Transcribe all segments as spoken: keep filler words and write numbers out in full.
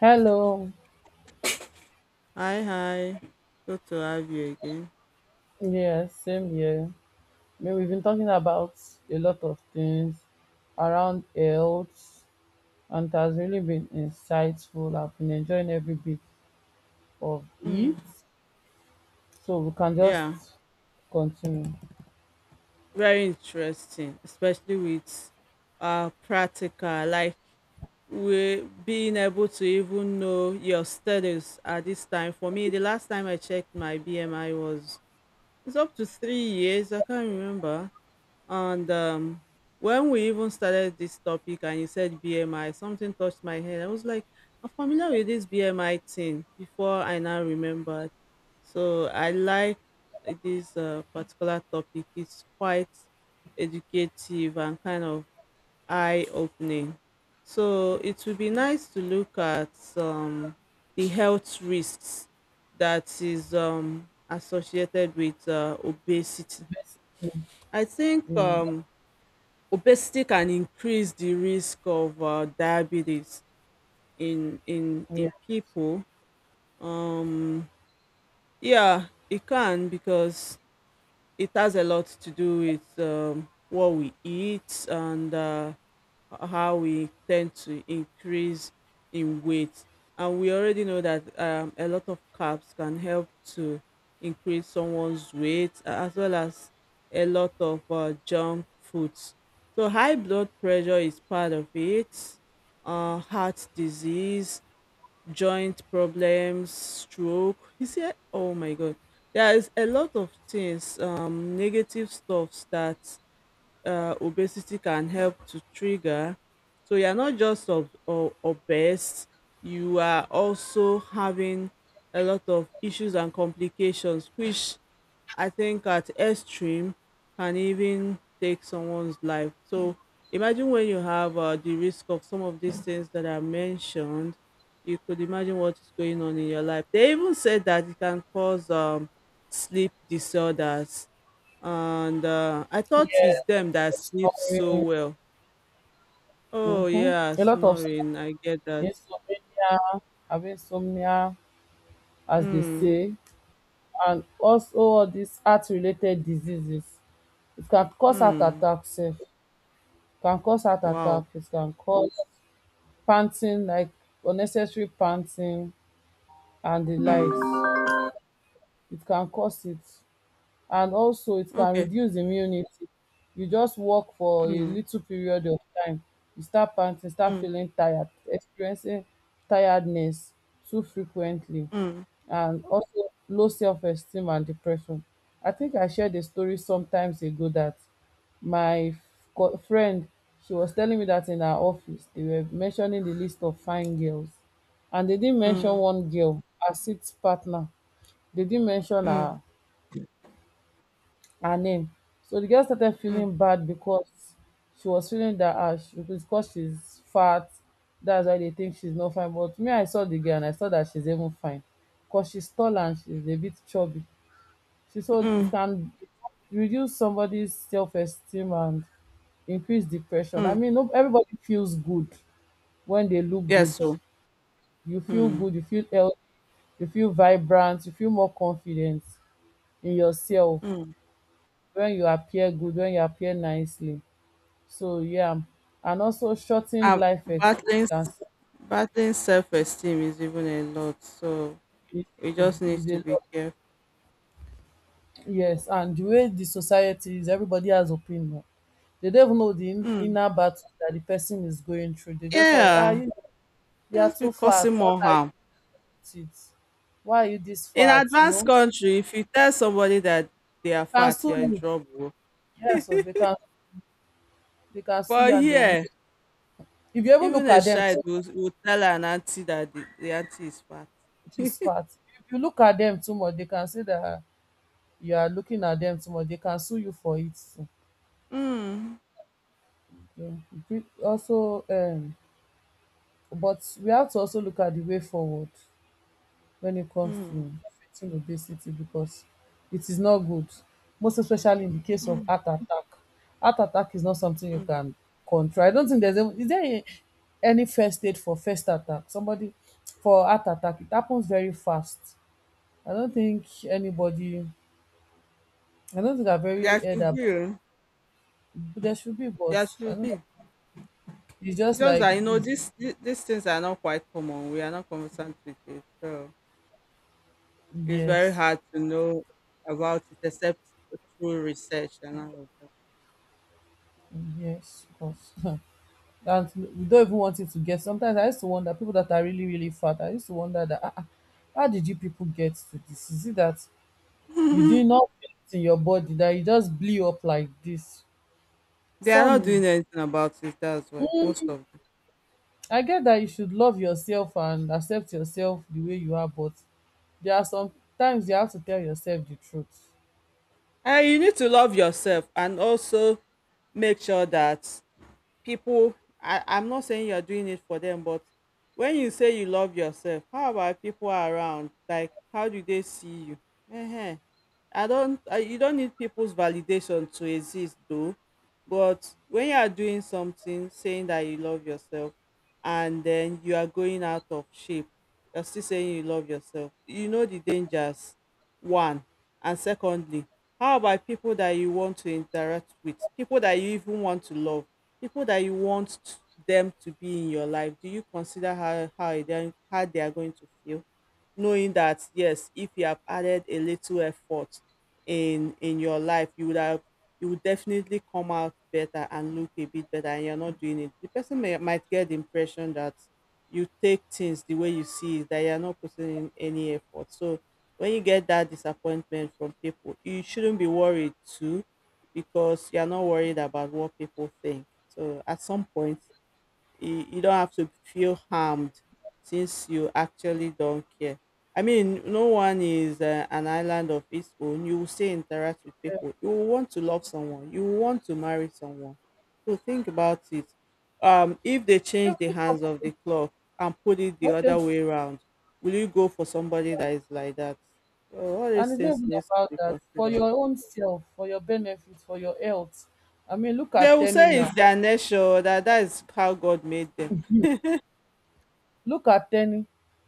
Hello. Hi, hi. Good to have you again. Yeah, same here. I mean, we've been talking about a lot of things around health, and it has really been insightful. I've been enjoying every bit of it. Mm, So we can just yeah, continue. very interesting, especially with uh practical, like we being able to even know your studies at this time. For me, the last time I checked my B M I was it's up to three years. I can't remember. And um, when we even started this topic and you said B M I, something touched my head. I was like, I'm familiar with this B M I thing before I now remembered. So I like this uh, particular topic. It's quite educative and kind of eye opening. So it would be nice to look at um, the health risks that is um, associated with uh, obesity. Basically, I think yeah. um, obesity can increase the risk of uh, diabetes in in Yeah. in people. Um, yeah, it can because it has a lot to do with um, what we eat and uh, uh, how we tend to increase in weight. And we already know that um, a lot of carbs can help to increase someone's weight a- as well as a lot of uh, junk foods. So, high blood pressure is part of it, uh, heart disease, joint problems, stroke. You see, eh, oh my God, there is a lot of things, um, negative stuffs that uh, obesity can help to trigger. So you're not just ob- o- obese, you are also having a lot of issues and complications, which I think at extreme can even take someone's life. So imagine when you have uh, the risk of some of these things that are mentioned, you could imagine what is going on in your life. They even said that it can cause um, sleep disorders and uh, I thought it's Yeah. them that sleeps so Snoring. well. Oh Mm-hmm. yeah, A lot of stuff. snoring. I get that. Insomnia, having insomnia, as they Mm, say, and also all these heart-related diseases. It can cause heart mm, attacks sef. Can cause heart wow. attack, it can cause panting, like unnecessary panting and the Mm, likes. It can cause it, and also it can okay. reduce immunity. You just walk for a Mm, little period of time, you start panting, start mm, feeling tired, experiencing tiredness too frequently, mm, and also low self-esteem and depression. I think I shared a story sometimes ago that my f- co- friend, she was telling me that in her office they were mentioning the list of fine girls, and they didn't mention mm, one girl, her sixth partner. They didn't mention mm, her, her name. So the girl started mm, feeling bad because she was feeling that ah, she, because she's fat, that's why they think she's not fine. But me, I saw the girl and I saw that she's even fine because she's tall and she's a bit chubby. She so it mm, can reduce somebody's self esteem and increase depression. I mm. mean, no, everybody feels good when they look Yes. good. So, You feel mm, good, you feel healthy, you feel vibrant, you feel more confident in yourself. mm. When you appear good, when you appear nicely, so yeah, and also shor Uh, life battling s- expectancy battling self esteem is even a lot. So is we is just need is to a be lot. careful. Yes, and the way the society is, everybody has opinion. They don't even know di Mm, inner battle that the person is going through. They just have ah, yeah, you you are just be too fat, causing what more are you harm. with it, why are you this In fat, you advanced know, country, if you tell somebody that they are can fat, sue you're in you. trouble. Yes, so they can, they can sue But you and they will make, here, if you even even look a at them child too will, will tell an auntie that the, the auntie is fat. much, dis fat, if you look at them too much, they can say that, "Ah, you are looking at them too much, they can sue you for it too." Mm, Yeah. Also um but we have to also look at the way forward when it comes mm, to fighting obesity, because it is not good, most especially in the case of mm, heart attack. Heart attack is not something you mm. can control. I don't think there's a, is there a, any first aid for first attack somebody, for heart attack. It happens very fast. I don't think anybody, I don't think I've very There heard should about. be. Oh, There should be, but there I should don't. be. It's It's just just that, like you know, it's, these, these things are not quite common. We are not conversant with it. So it's very yes, hard to know about it except through research and all of yes, of course. That we don't even want it to get. Sometimes I used to wonder people that are really really fat. I used to wonder that ah, ah, how did you people get to this? Is it that you that. did not get it in your body that you just blew up like this? They are not doing Some, anything about it. That's why most of I get that you should love yourself and accept yourself the way you are, but there are some times you have to tell yourself the truth. um you need to love yourself and also make sure that people I, I'm not saying you're doing it for them but when you say you love yourself how about people around like how do they see you uh I don't uh, you don't need people's validation to exist though but when you are doing something saying that you love yourself and then you are going out of shape you're still saying you love yourself you know the dangers one and secondly how about people that you want to interact with people that you even want to love people that you want them to be in your life do you consider how how they are, how they are going to feel knowing that yes if you have added a little effort in in your life you would have you would definitely come out better and look a bit better and you're not doing it the person may, might get the impression that you take things the way you see it that you're not putting in any effort so when you get that disappointment from people you shouldn't be worried too because you're not worried about what people think so at some point you, you don't have to feel harmed since you actually don't care. I mean, no one is uh, an island of its own. You will still interact with people. You will want to love someone. You will want to marry someone. So think about it. Um, if they change the Every hands couple, of the clock and put it the not, other way around, will you go for somebody that is like that? So all these and it's not things even needs to about be that. For considered. your own self, for your benefit, for your health. I mean, look They at will Tenny say now. it's their nature that that is how God made them. Look at Tenny.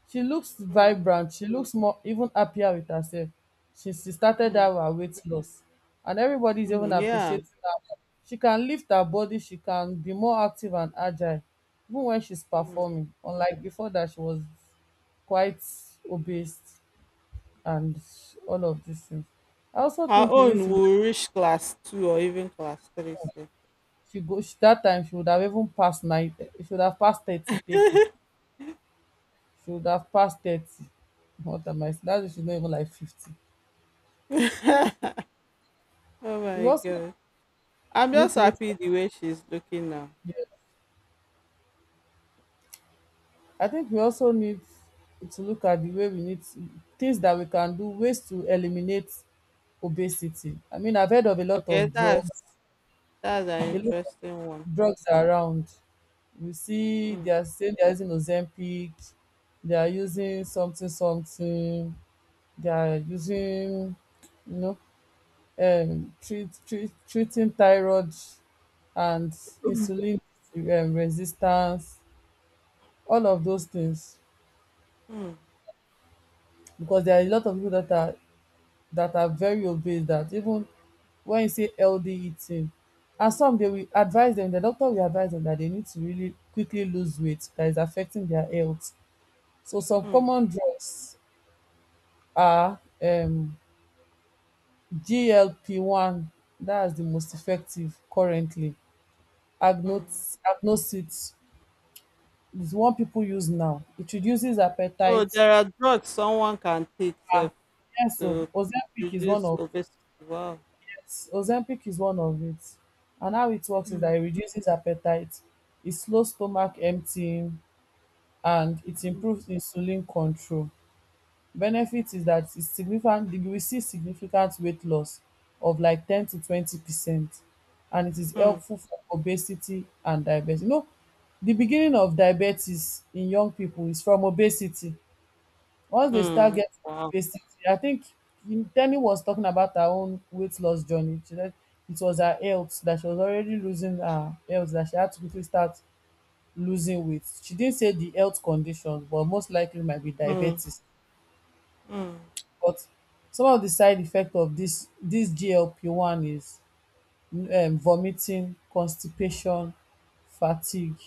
She looks vibrant. She looks more even happier with herself. She, she started Mm. out her weight loss. And everybody's Mm, even yeah. appreciating her. She can lift her body. She can be more active and agile. Even when she's performing. Unlike before that, she was quite obese and all of these things. I also Her think we need own to, will reach class two or even class three. So. she go, she that time she would have even passed nine, she would have passed thirty, thirty. She would have passed thirty. What am I saying? That is, she's not even like fifty. Oh We my also God. I'm need just to look happy at the way she's looking now. the, I think we also need to look at the way we need to, things that we can do, ways to eliminate obesity. I mean, I've heard of a lot Okay, of that's drugs, that's an a lot interesting one. of drugs around. You see, Mm, they are saying they are using Ozempic, they are using something something, they are using, you know, um treat treat treating thyroid and insulin um resistance, all of those things. mm, Because there are a lot of people that are, that are very obese that even when you say healthy eating, and some they will advise them, the doctor will advise them that they need to really quickly lose weight, that is affecting their health. So some mm, common drugs are um G L P one, that's the most effective currently. mm. Agnox agnoxit is what people use now. It reduces Oh, appetite. there are drugs someone can take sef, Yes, so to Ozempic is one reduce of, obesity. Wow. yes, Ozempic is one of it. And how it works is Mm, that it reduces appetite, it slows stomach emptying, and it improves insulin control. Benefit is that it's significant, you will see significant weight loss of like ten to twenty percent. And it is mm, helpful for obesity and diabetes. You know, the beginning of diabetes in young people is from obesity. Once they start mm, getting to wow. basics, I think in- Tenny was talking about her own weight loss journey. She said it was her health, that she was already losing her health, that she had to quickly start losing weight. She didn't say the health condition, but most likely might be Mm, diabetes. mm, But some of the side effect of this this G L P one is um, vomiting, constipation, fatigue,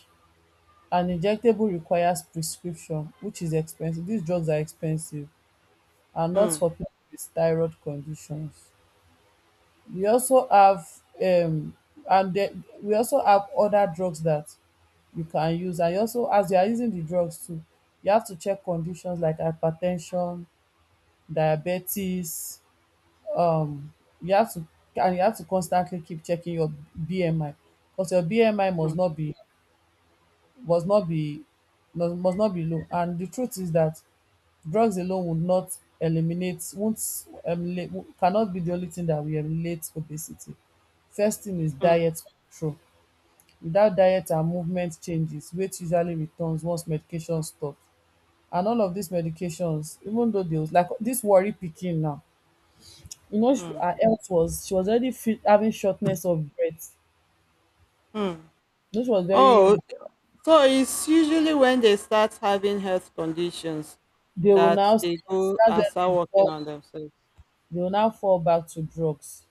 and injectable requires prescription, which is expensive. These drugs are expensive, and not mm, for people with thyroid conditions. We also have um, and then we also have other drugs that you can use, and you also, as you are using the drugs too, you have to check conditions like hypertension, diabetes, um, you have to, and you have to constantly keep checking your B M I, because your B M I must mm, not be, must not be, must must not be low. And the truth is that drugs alone would not eliminate, won't um, cannot be the only thing that will eliminate obesity. First thing is mm, diet control. Without diet and movement changes, weight usually returns once medication stop. And all of these medications, even though they was like this worry pikin now, you know she- mm, her health was, she was already feel having shortness of breath. mm. You know she was very, Oh, so it's usually when they start having health conditions they will that now, they that's go and when start they working fall, on themselves. they will now fall back to drugs.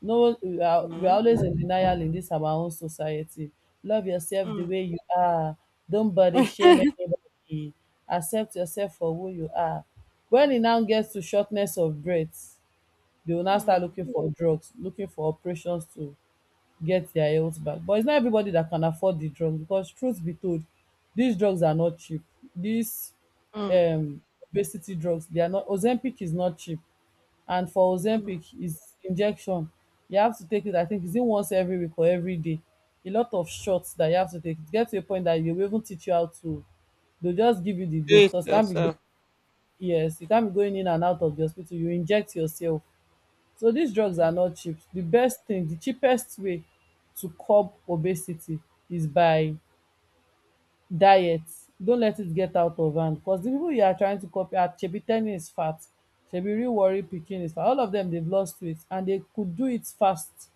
No, we are we are Mm-hmm. always in denial in this our own society. Love yourself the Mm. way you are, don't body shame anybody, accept yourself for who you are. When it now gets to shortness of breath, they will now start Mm. looking for drugs, looking for operations to get their health back. But it's not everybody that can afford the drugs. Because truth be told, these drugs are not cheap. These Mm. um, obesity drugs, they are not, Ozempic is not cheap. And for Mm. Ozempic, is injection. You have to take it, I think, is it once every week or every day? A lot of shots that you have to take. It gets to a point that you will even teach you how to. They'll just give you the Do dose it because can't be, yourself. yes, you can't be going in and out of the hospital. You inject yourself. So these drugs are not cheap. The best thing, the cheapest way to curb obesity is by diet. Don't let it get out of hand, because the people you are trying to copy are, shebi Teni is fat, shebi real worry pikin is fat, all of them, they've lost weight and they could do it fast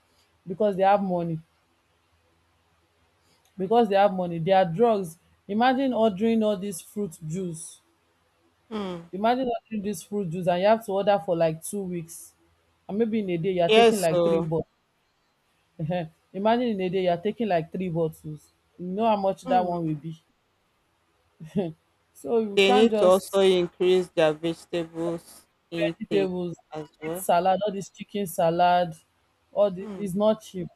because they have money. Because they have money, their drugs, imagine ordering all this fruit juice, Mm. imagine ordering this fruit juice and you have to order for like two weeks, and maybe in a day you are taking Yes, like three so bottles. Imagine in a day you are taking like three bottles, you know how much that one will mm, be. So you they can't need to also just, increase their vegetables intake vegetables, as eat well. salad, all dis chicken salad, all di Mm. is not cheap.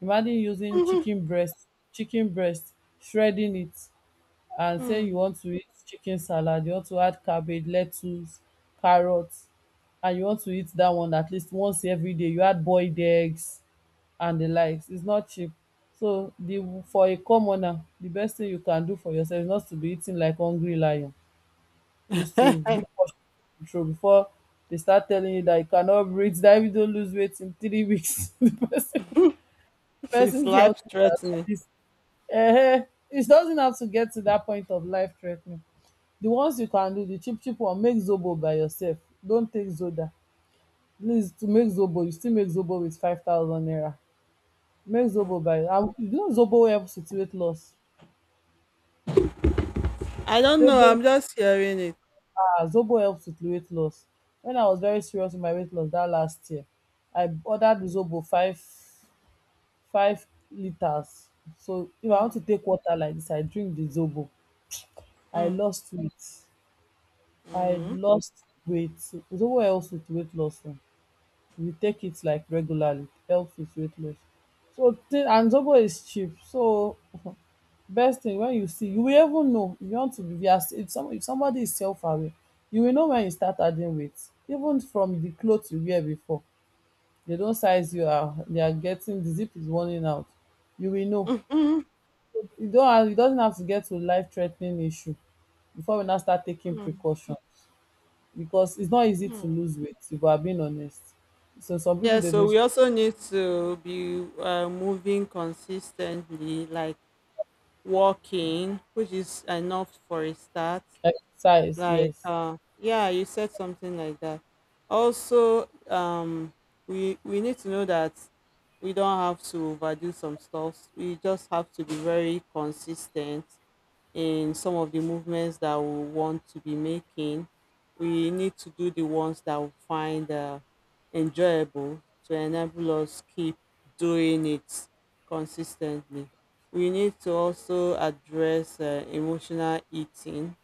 Imagine using Mhm. chicken breast, chicken breast, shredding it, and say you Mm. want to eat chicken salad, you want to add cabbage, lettuce, carrot, and you want to eat dat one at least once everyday, you add boiled eggs and di likes, is not cheap. So di for a commoner, di best tin you can do for yoursef is not to be eating like hungry lion. Is to do portion control, before they start telling you that you cannot breathe, that if you don't lose weight in three weeks, the person, It's person's life health is at threatening. risk. Eh, it doesn't have to get to that point of life threatening. The ones you can do, the cheap, cheap one, make Zobo by yourself. Don't take Zoda. Please, to make Zobo, you still make Zobo with five thousand naira. Make Zobo by, and you know Zobo helps with weight loss. I don't know. Zobo. I'm just hearing it. Ah, Zobo helps with weight loss. When I was very serious with my weight loss that last year, I ordered Zobo five five liters. So if I want Mm, to take water like this, I drink the Zobo. I mm, lost weight. I mm, lost weight. Zobo helps with weight loss. Oh. If you take it like regularly, it helps with weight loss. So thi- and Zobo is cheap. So best thing when you see, you will even know if you want to be via if some if somebody is self-aware, you will know when you start adding weight even from the clothes you wear before. They don't size you, um they are getting, the zip is running out, you will know. mm, mm, You don't have you doesn't have to get to life threatening issue before we now start taking mm, precaution because it's not easy to mm. lose weight if we are being honest. So some people Yeah, they've so been we also need to be uh, moving consistently, like walking, which is enough for a start. exercise, Like, yes. uh, yeah, you said something like that. Also, um, we we need to know that we don't have to overdo some stuff. We just have to be very consistent in some of the movements that we want to be making, we need to do the ones that we find uh, enjoyable to enable us keep doing it consistently. We need to also address uh, emotional eating,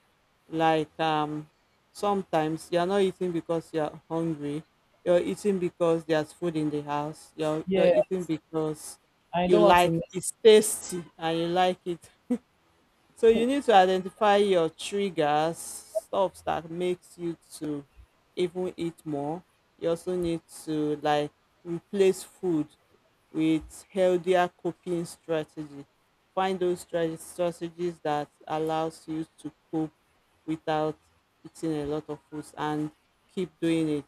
like um, sometimes you're not eating because you're hungry. You're eating because there's food in the house. You're, you're Yeah, eating because I you don't want to like miss it's tasty and you like it so you need to identify your triggers, stuff that makes you to even eat more. You also need to like replace food with healthier coping strategy. Find those strate- strategies that allows you to cope without eating a lot of foods and keep doing it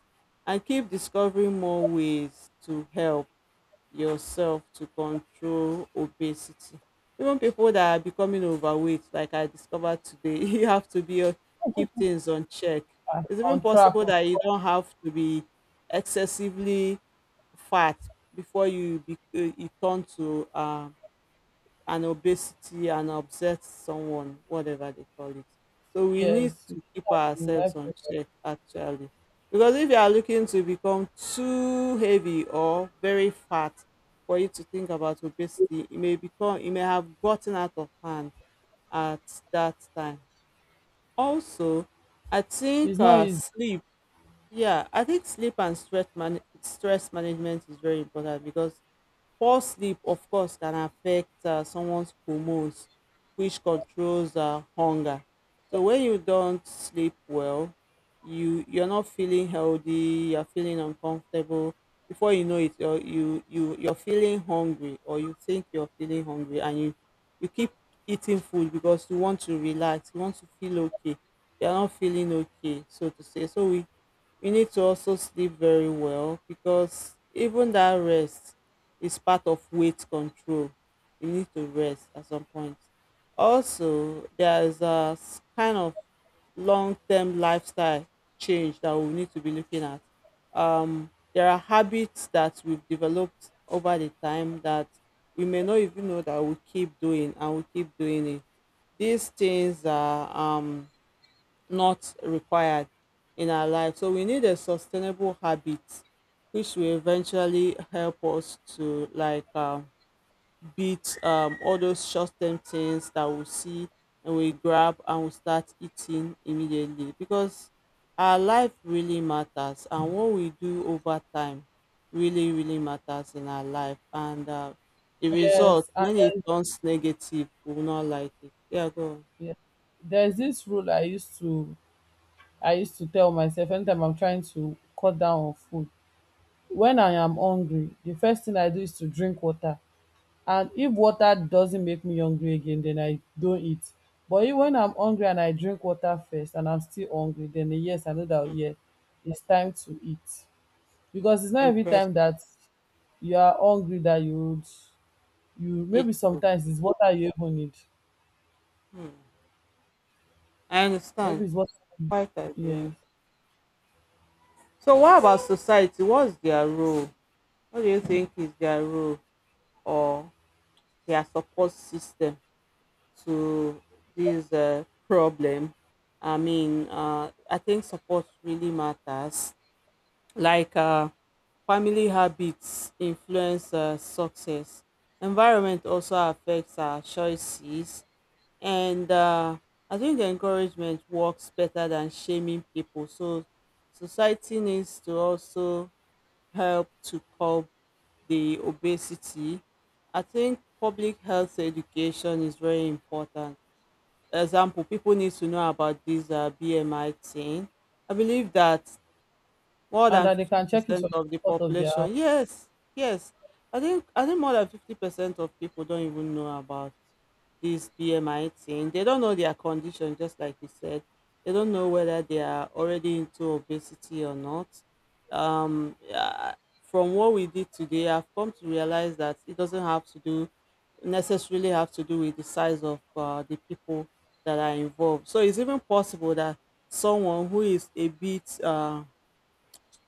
and keep discovering more ways to help yourself to control obesity. Even people that are becoming overweight, like I discovered today, you have to be uh, keep things on check. um It's even on track possible oh, that you don't have to be excessively fat before you be, uh, you turn to um and obesity and upset someone, whatever they call it. So we need yes. to keep ourselves Life. on check actually. Because if you are looking to become too heavy or very fat for you to think about obesity, it may become it may have gotten out of hand at that time. Also, I think It's not uh, easy. sleep. Yeah, I think sleep and stress man- stress management is very important because poor sleep, of course, can affect uh, someone's hormones, which controls uh, hunger. So when you don't sleep well, you you're not feeling healthy. You're feeling uncomfortable. Before you know it, you're, you you you're feeling hungry, or you think you're feeling hungry, and you you keep eating food because you want to relax. You want to feel okay. You're not feeling okay, so to say. So we you need to also sleep very well because even that rest is part of weight control. You need to rest at some point. Also, there's a s- kind of long term lifestyle change that we need to be looking at. Um, there are habits that we've developed over the time that we may not even know that we keep doing and we keep doing it. These things are um, not required in our life. So we need a sustainable habit which will eventually help us to like um, beat um, all those short-term things that we see and we grab and we start eating immediately because our life really matters and what we do over time really really matters in our life and uh, the result Yes, and when it turns negative we will not like it yeah go on. then, yeah. There's this rule I used to, I used to tell myself anytime I'm trying to cut down on food. When I am hungry, the first thing I do is to drink water. And if water doesn't make me hungry again, then I don't eat. But if, when I'm hungry and I drink water first and I'm still hungry, then yes, I know that Hmm, yeah, it's time to eat. Because it's not every time interesting, that you are hungry that you would you maybe it's good. sometimes it's water you even need. Hmm. I Maybe understand. it's water. Quite Yes. agree. So what about society? What's their role? What do you think is their role or their support system to this uh, problem? I mean, uh, I think support really matters. Like uh, family habits influence uh, success. Environment also affects our choices and uh, I think encouragement works better than shaming people. So society needs to also help to curb the obesity. I think public health education is very important. Example: people need to know about this uh, B M I thing. I believe that more And than that they can check it fifty percent from the of the comfort of their house population. Yes. Yes, I think i think more than fifty percent of people don't even know about this B M I thing. They don't know their condition, just like you said. They don't know whether they are already into obesity or not. um yeah, from what we did today, I've come to realize that it doesn't have to do necessarily have to do with the size of uh, the people that are involved. So it's even possible that someone who is a bit uh,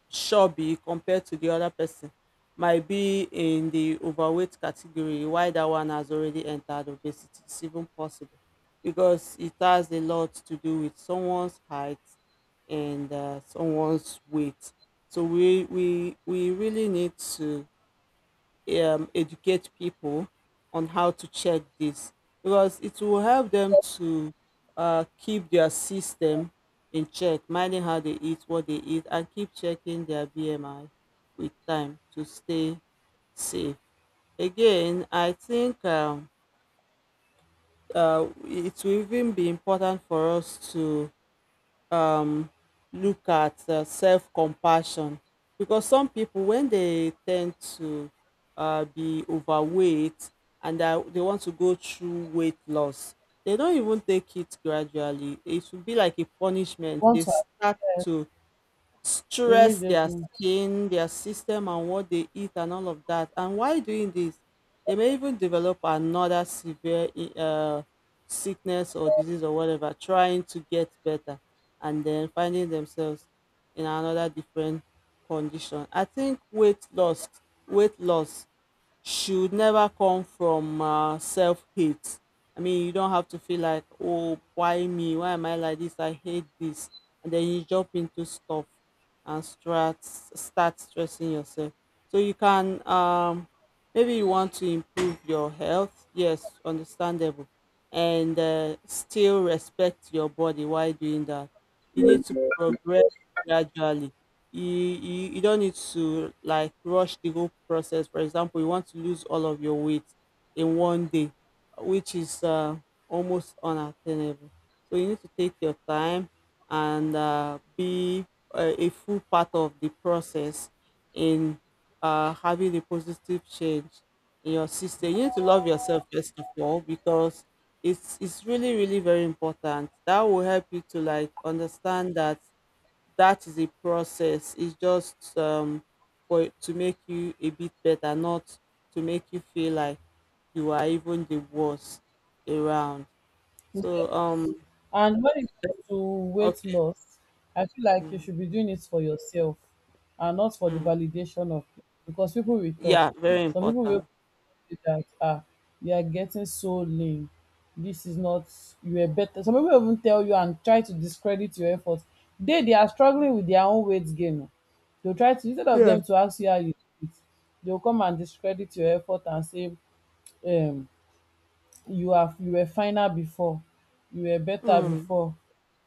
sure be compared to the other person might be in the overweight category. Why that one has already entered obesity, it's even possible, because it has a lot to do with someone's height and uh, someone's weight. So we we we really need to um, educate people on how to check this, because it will help them to uh, keep their system in check, minding how they eat, what they eat, and keep checking their B M I with time to stay safe. Again, I think um, uh, it will even be important for us to um look at uh, self compassion, because some people, when they tend to uh, be overweight and that they want to go through weight loss, they don't even take it gradually. It will be like a punishment. They once and start to stress their immediately. skin, their system, and what they eat, and all of that. And while doing this, they may even develop another severe i- uh, sickness or disease or whatever, trying to get better, and then finding themselves in another different condition. I think weight loss, weight loss should never come from uh, self hate. I mean, you don't have to feel like, oh, why me? Why am I like this? I hate this. And then you jump into stuff and start, start stressing yourself. So you can, um, maybe you want to improve your health. Yes, understandable. And uh, still respect your body while doing that. You need to progress gradually. You, you you don't need to like rush the whole process. For example, you want to lose all of your weight in one day, which is uh, almost unattainable. So you need to take your time and uh, be uh, a full part of the process in uh, having a positive change in your system. You need to love yourself first of all, because it's it's really really very important. That will help you to like understand that that is a process. It's just um, for it to make you a bit better, not to make you feel like you are even the worst around. So um, And when it comes to weight okay, loss, I feel like you mm, should be doing it for yourself and not for the mm. validation of, because people will talk. Yeah, very Some people will important. say that ah, you are getting so lean. This is not, you are better. Some people even tell you and try to discredit your efforts. They they are struggling with their own weight gain. They'll try to, instead of Yeah. them to ask you how you do it, they'll come and discredit your effort and say um you have you were finer before, you were better Mm. before.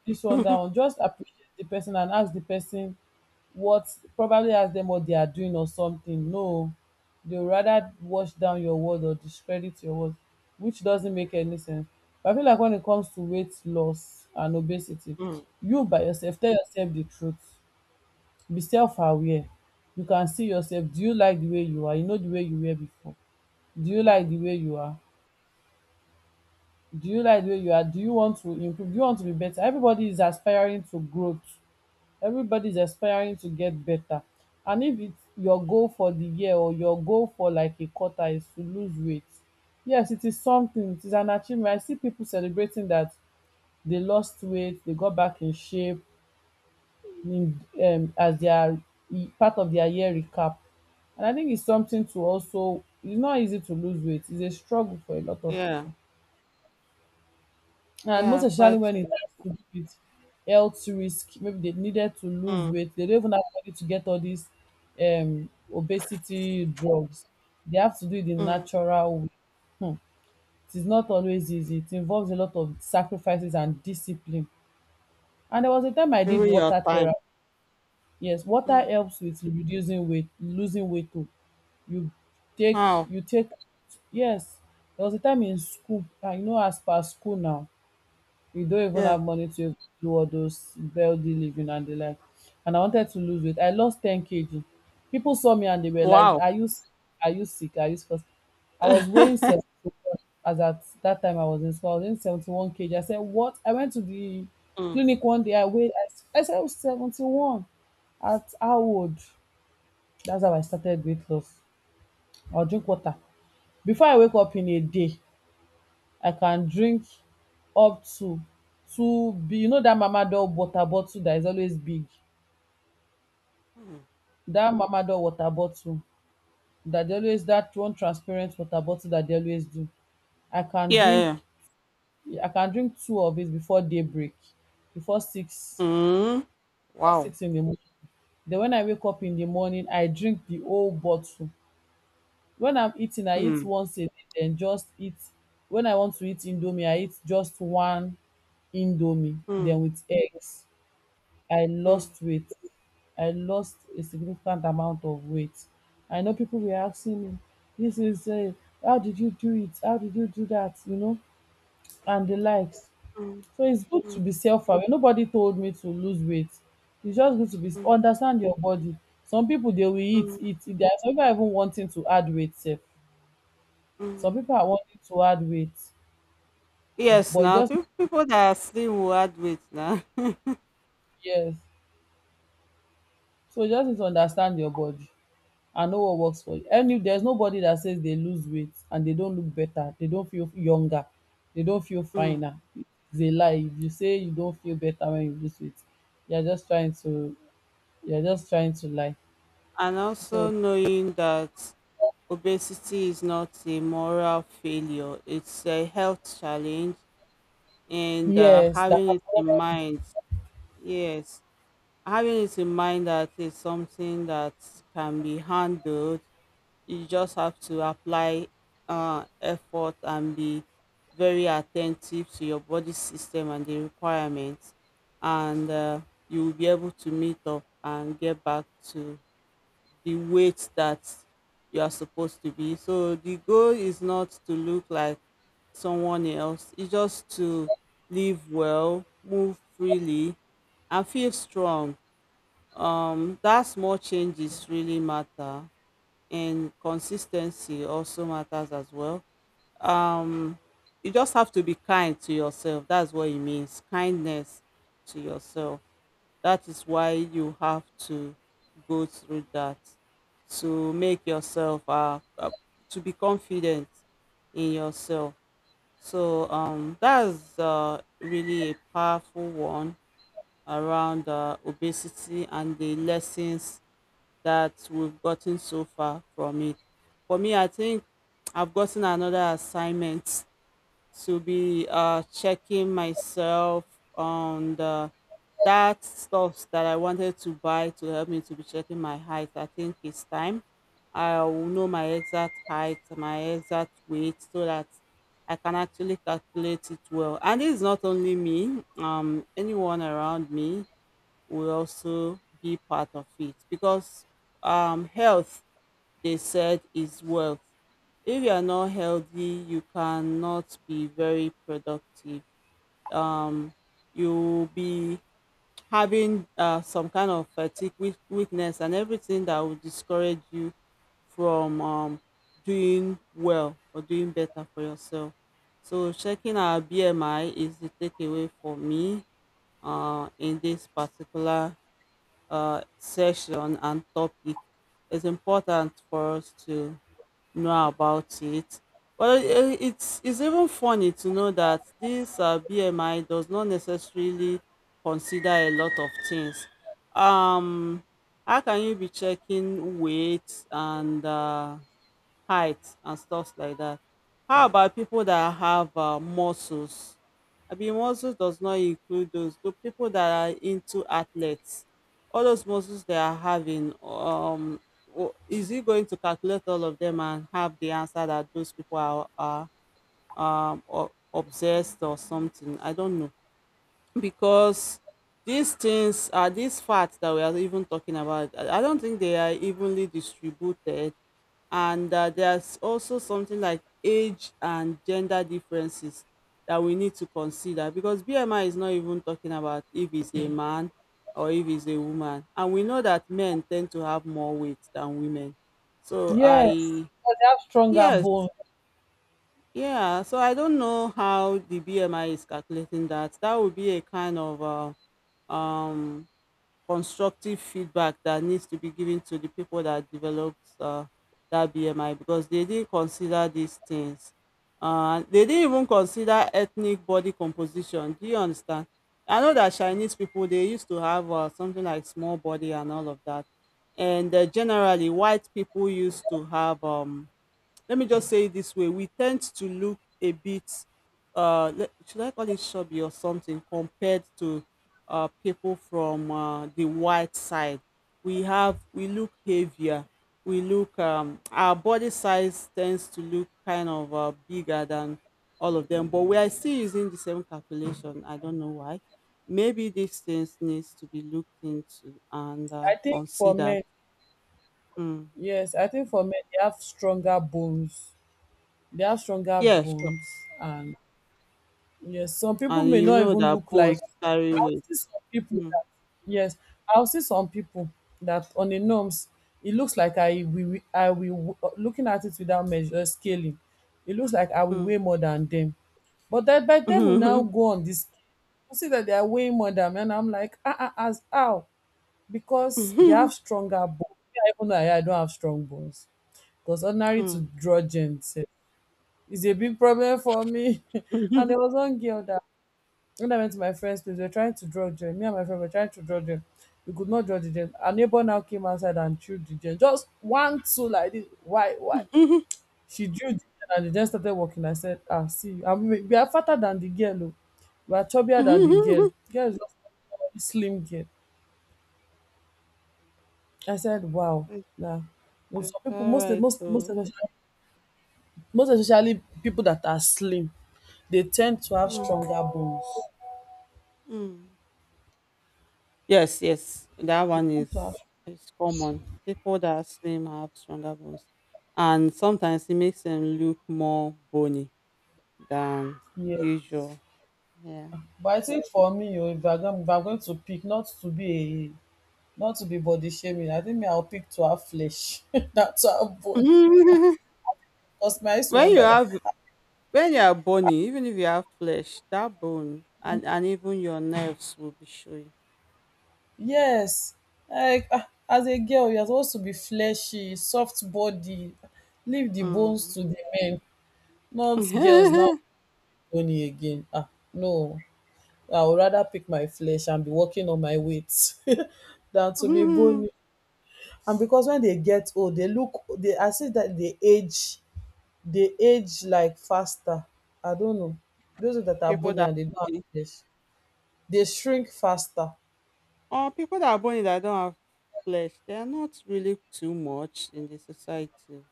This one, that one. Just appreciate the person and ask the person what, probably ask them what they are doing or something. No, they would rather wash down your word or discredit your word, which doesn't make any sense. But I feel like when it comes to weight loss and obesity, mm. you by yourself tell yourself the truth. Be self-aware. You can see yourself. Do you like the way you are? You know the way you were before. Do you like the Mm. way you are? Do you like where you are? Do you want to improve? Do you want to be better? Everybody is aspiring to growth. Everybody is aspiring to get better. And if it's your goal for the year or your goal for like a quarter is to lose weight, yes, it is something. It is an achievement. I see people celebrating that they lost weight, they got back in shape in, um, as their e- part of their year recap. And I think it's something to also, it's not easy to lose weight. It's a struggle for a lot of Yeah, people. And most yeah, especially quite. when it So. has to do with health risk, maybe they needed to lose Mm. weight. They don't even have money to get all these um, obesity drugs. They have to do it in Mm. natural way. Hmm. It is not always easy. It involves a lot of sacrifices and discipline. And there was a time I did Even your water time. therapy. Yes, water Mm. helps with reducing weight, losing weight too. You take, Wow. you take, yes. There was a time in school, and you know, as per school now, you don't even Yeah. have money to do all those healthy living and the like. And I wanted to lose weight. I lost ten kilograms. People saw me and they were like, Wow. are you sick? Are you sick? Are you sick? I was weighing mm. seventy, as at that time I was in school. I was in seventy-one kilograms. I said, what? I went to the Mm. clinic one day. I weighed, I, s- I said, I was seventy-one at how old? That's how I started weight loss. I'll drink water. Before I wake up in a day, I can drink up to two big, you know that mama Dove water bottle that is always big, that mama Dove water bottle that dey always, that one transparent water bottle that dey always do. I can Yeah. drink Yeah. I can drink two of it before daybreak, before six Mm. before Wow. six in the morning. Then when I wake up in the morning I drink the whole bottle. When I'm eating I eat Mm. once a day den just eat. When I want to eat indomie I eat just one indomie. Mm. Then with eggs. I Mm. lost weight. I lost a significant amount of weight. I know people were asking me, this is, uh, how did you do it? How did you do that? You know, and the likes. Mm. So it's good to Mm, be self aware. Nobody told me to lose weight. It's just good to be understand your body. Some people they will eat, mm, eat, eat. There are some people are even wanting to add weight, sef. Some mm. people are wanting to add weight, Yes, but you now just, people, people that are slim will add weight now. yes. So you just need to understand your body. And no one works for you. Any There's nobody that says they lose weight and they don't look better, they don't feel younger, they don't feel Mm. finer. It's a lie. If you say you don't feel better when you lose weight, you're just trying to you're just trying to lie. And also So knowing that obesity is not a moral failure, it's a health challenge, and uh, yes, that having it in mind, yes, having it in mind that it's something that can be handled. You just have to apply uh, effort and be very attentive to your body system and the requirements, and uh, you will be able to meet up and get back to the weight that you are supposed to be. So the goal is not to look like someone else. It's just to live well, move freely, and feel strong. Um that small changes really matter, and consistency also matters as well. Um, you just have to be kind to yourself. That's what it means. Kindness to yourself. That is why you have to go through that, to make yourself uh, uh, to be confident in yourself. So um, that's uh, really a powerful one around uh, obesity and the lessons that we've gotten so far from it. For me, I think I've gotten another assignment to be uh, checking myself on the that stuff that I wanted to buy to help me to be checking my height. I think it's time. I will know my exact height, my exact weight, so that I can actually calculate it well. And it's not only me, um, anyone around me will also be part of it, because um, health, they said, is wealth. If you are not healthy, you cannot be very productive. Um, you'll be having uh, some kind of fatigue, weak- weakness, and everything that will discourage you from um, doing well or doing better for yourself. So checking our B M I is the takeaway for me uh, in this particular uh, session and topic. It's important for us to know about it, but it- it's it's even funny to know that this uh, B M I does not necessarily consider a lot of things. um how can you be checking weight and uh, height and stuffs like that? How about people that have uh, muscles? I mean, muscles does not include those. The people that are into athletes, all those muscles they are having, um, w- is he going to calculate all of them and have the answer that those people are, are um o- obsessed or something? I don't know, because these things are these fats that we are even talking about. I I don't think they are evenly distributed. And uh, there's also something like age and gender differences that we need to consider, because B M I is not even talking about if it's a man or if it's a woman, and we know that men tend to have more weight than women. So yes, I because they have stronger Yes, bones. yeah, so I don't know how the B M I is calculating that. That would be a kind of uh, um constructive feedback that needs to be given to the people that develops uh, that B M I, because they didn't consider these things. Uh, they didn't even consider ethnic body composition. Do you understand? I know that Chinese people, they used to have uh, something like small body and all of that, and uh, generally white people used to have um let me just say it this way, we tend to look a bit uh le- should I call it shabby or something, compared to uh people from uh, the white side. We have we look heavier, we look um our body size tends to look kind of uh, bigger than all of them, but we are still using the same calculation. I don't know why. Maybe these things needs to be looked into and uh, I think for considered. men, Mm. yes, I think for men they have stronger bones. They have stronger Yeah, sure. bones and yes, some people And may you not know even that look like, bones carry I'll weight. see some people Mm, that yes, I'll see some people that on the norms it looks like I will I will looking at it without measure scaling. It looks like I will mm. weigh more than them. But that by them we now go on this, you see that they are weighing more than me and I'm like, ah ah, as how? Because they have stronger bones. Me, I even know I I don't have strong bones. Because ordinary to Mm. draw gen sef is a big problem for me. And there was one girl that when I went to my friend's place, we were trying to draw gem. Me and my friend were trying to draw gem. We could not draw the gem. Our neighbor now came outside and threw the gem. Just one, two like this. Why, why? She drew the gem and the gem started walking. I said, ah, see, I mean, we are fatter than the girl. Oh. We are chubbier than the girl. Girl is just a slim girl. I said, wow. It's Nah. Most of people, all most right most though. most especially, most especially people that are slim, they tend to have Mm, stronger bones. mm. Yes, yes, that one Tend to have- is is common. People that are slim have stronger bones, and sometimes it makes them look more bony than yeah. usual. Yeah. But I think for me oh, if I am go if I'm going to pick not to be a not to be body shaming, I think me I will pick to have flesh, not to have bone. Because me I used to when you wonder that. have When you are bony, even if you have flesh, that bone and, and even your nerves will be showing. Yes, like ah, as a girl you are supposed to be fleshy, soft body, leave the Mm. bones to the men, not girls now bony again. Ah no, I would rather pick my flesh and be working on my weight than to be Mhm. bony. And because when they get old, they look they I see that they age. They age like faster. I don't know. Those that are people bony that and they don't are have bony, flesh, they shrink faster. or people that are bony that don't have flesh, they are not really too much in the society.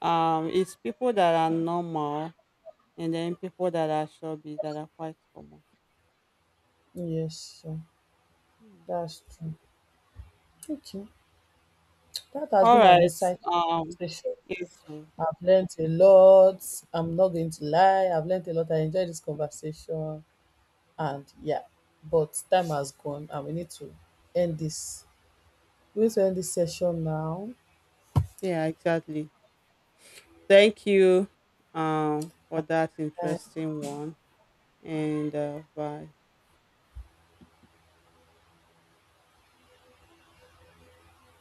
Um, it's people that are normal, and then people that are chubby that are quite common. Yes, sure. Mm. That's true. Okay. That has All been an right. insightful Um, conversation. yes. so- I've learned a lot. I'm not going to lie. I've learned a lot. I enjoyed this conversation. And yeah, but time has gone and we need to end this. We need to end this session now. Yeah, exactly. Thank you. Um, for that I interesting one. And uh, bye.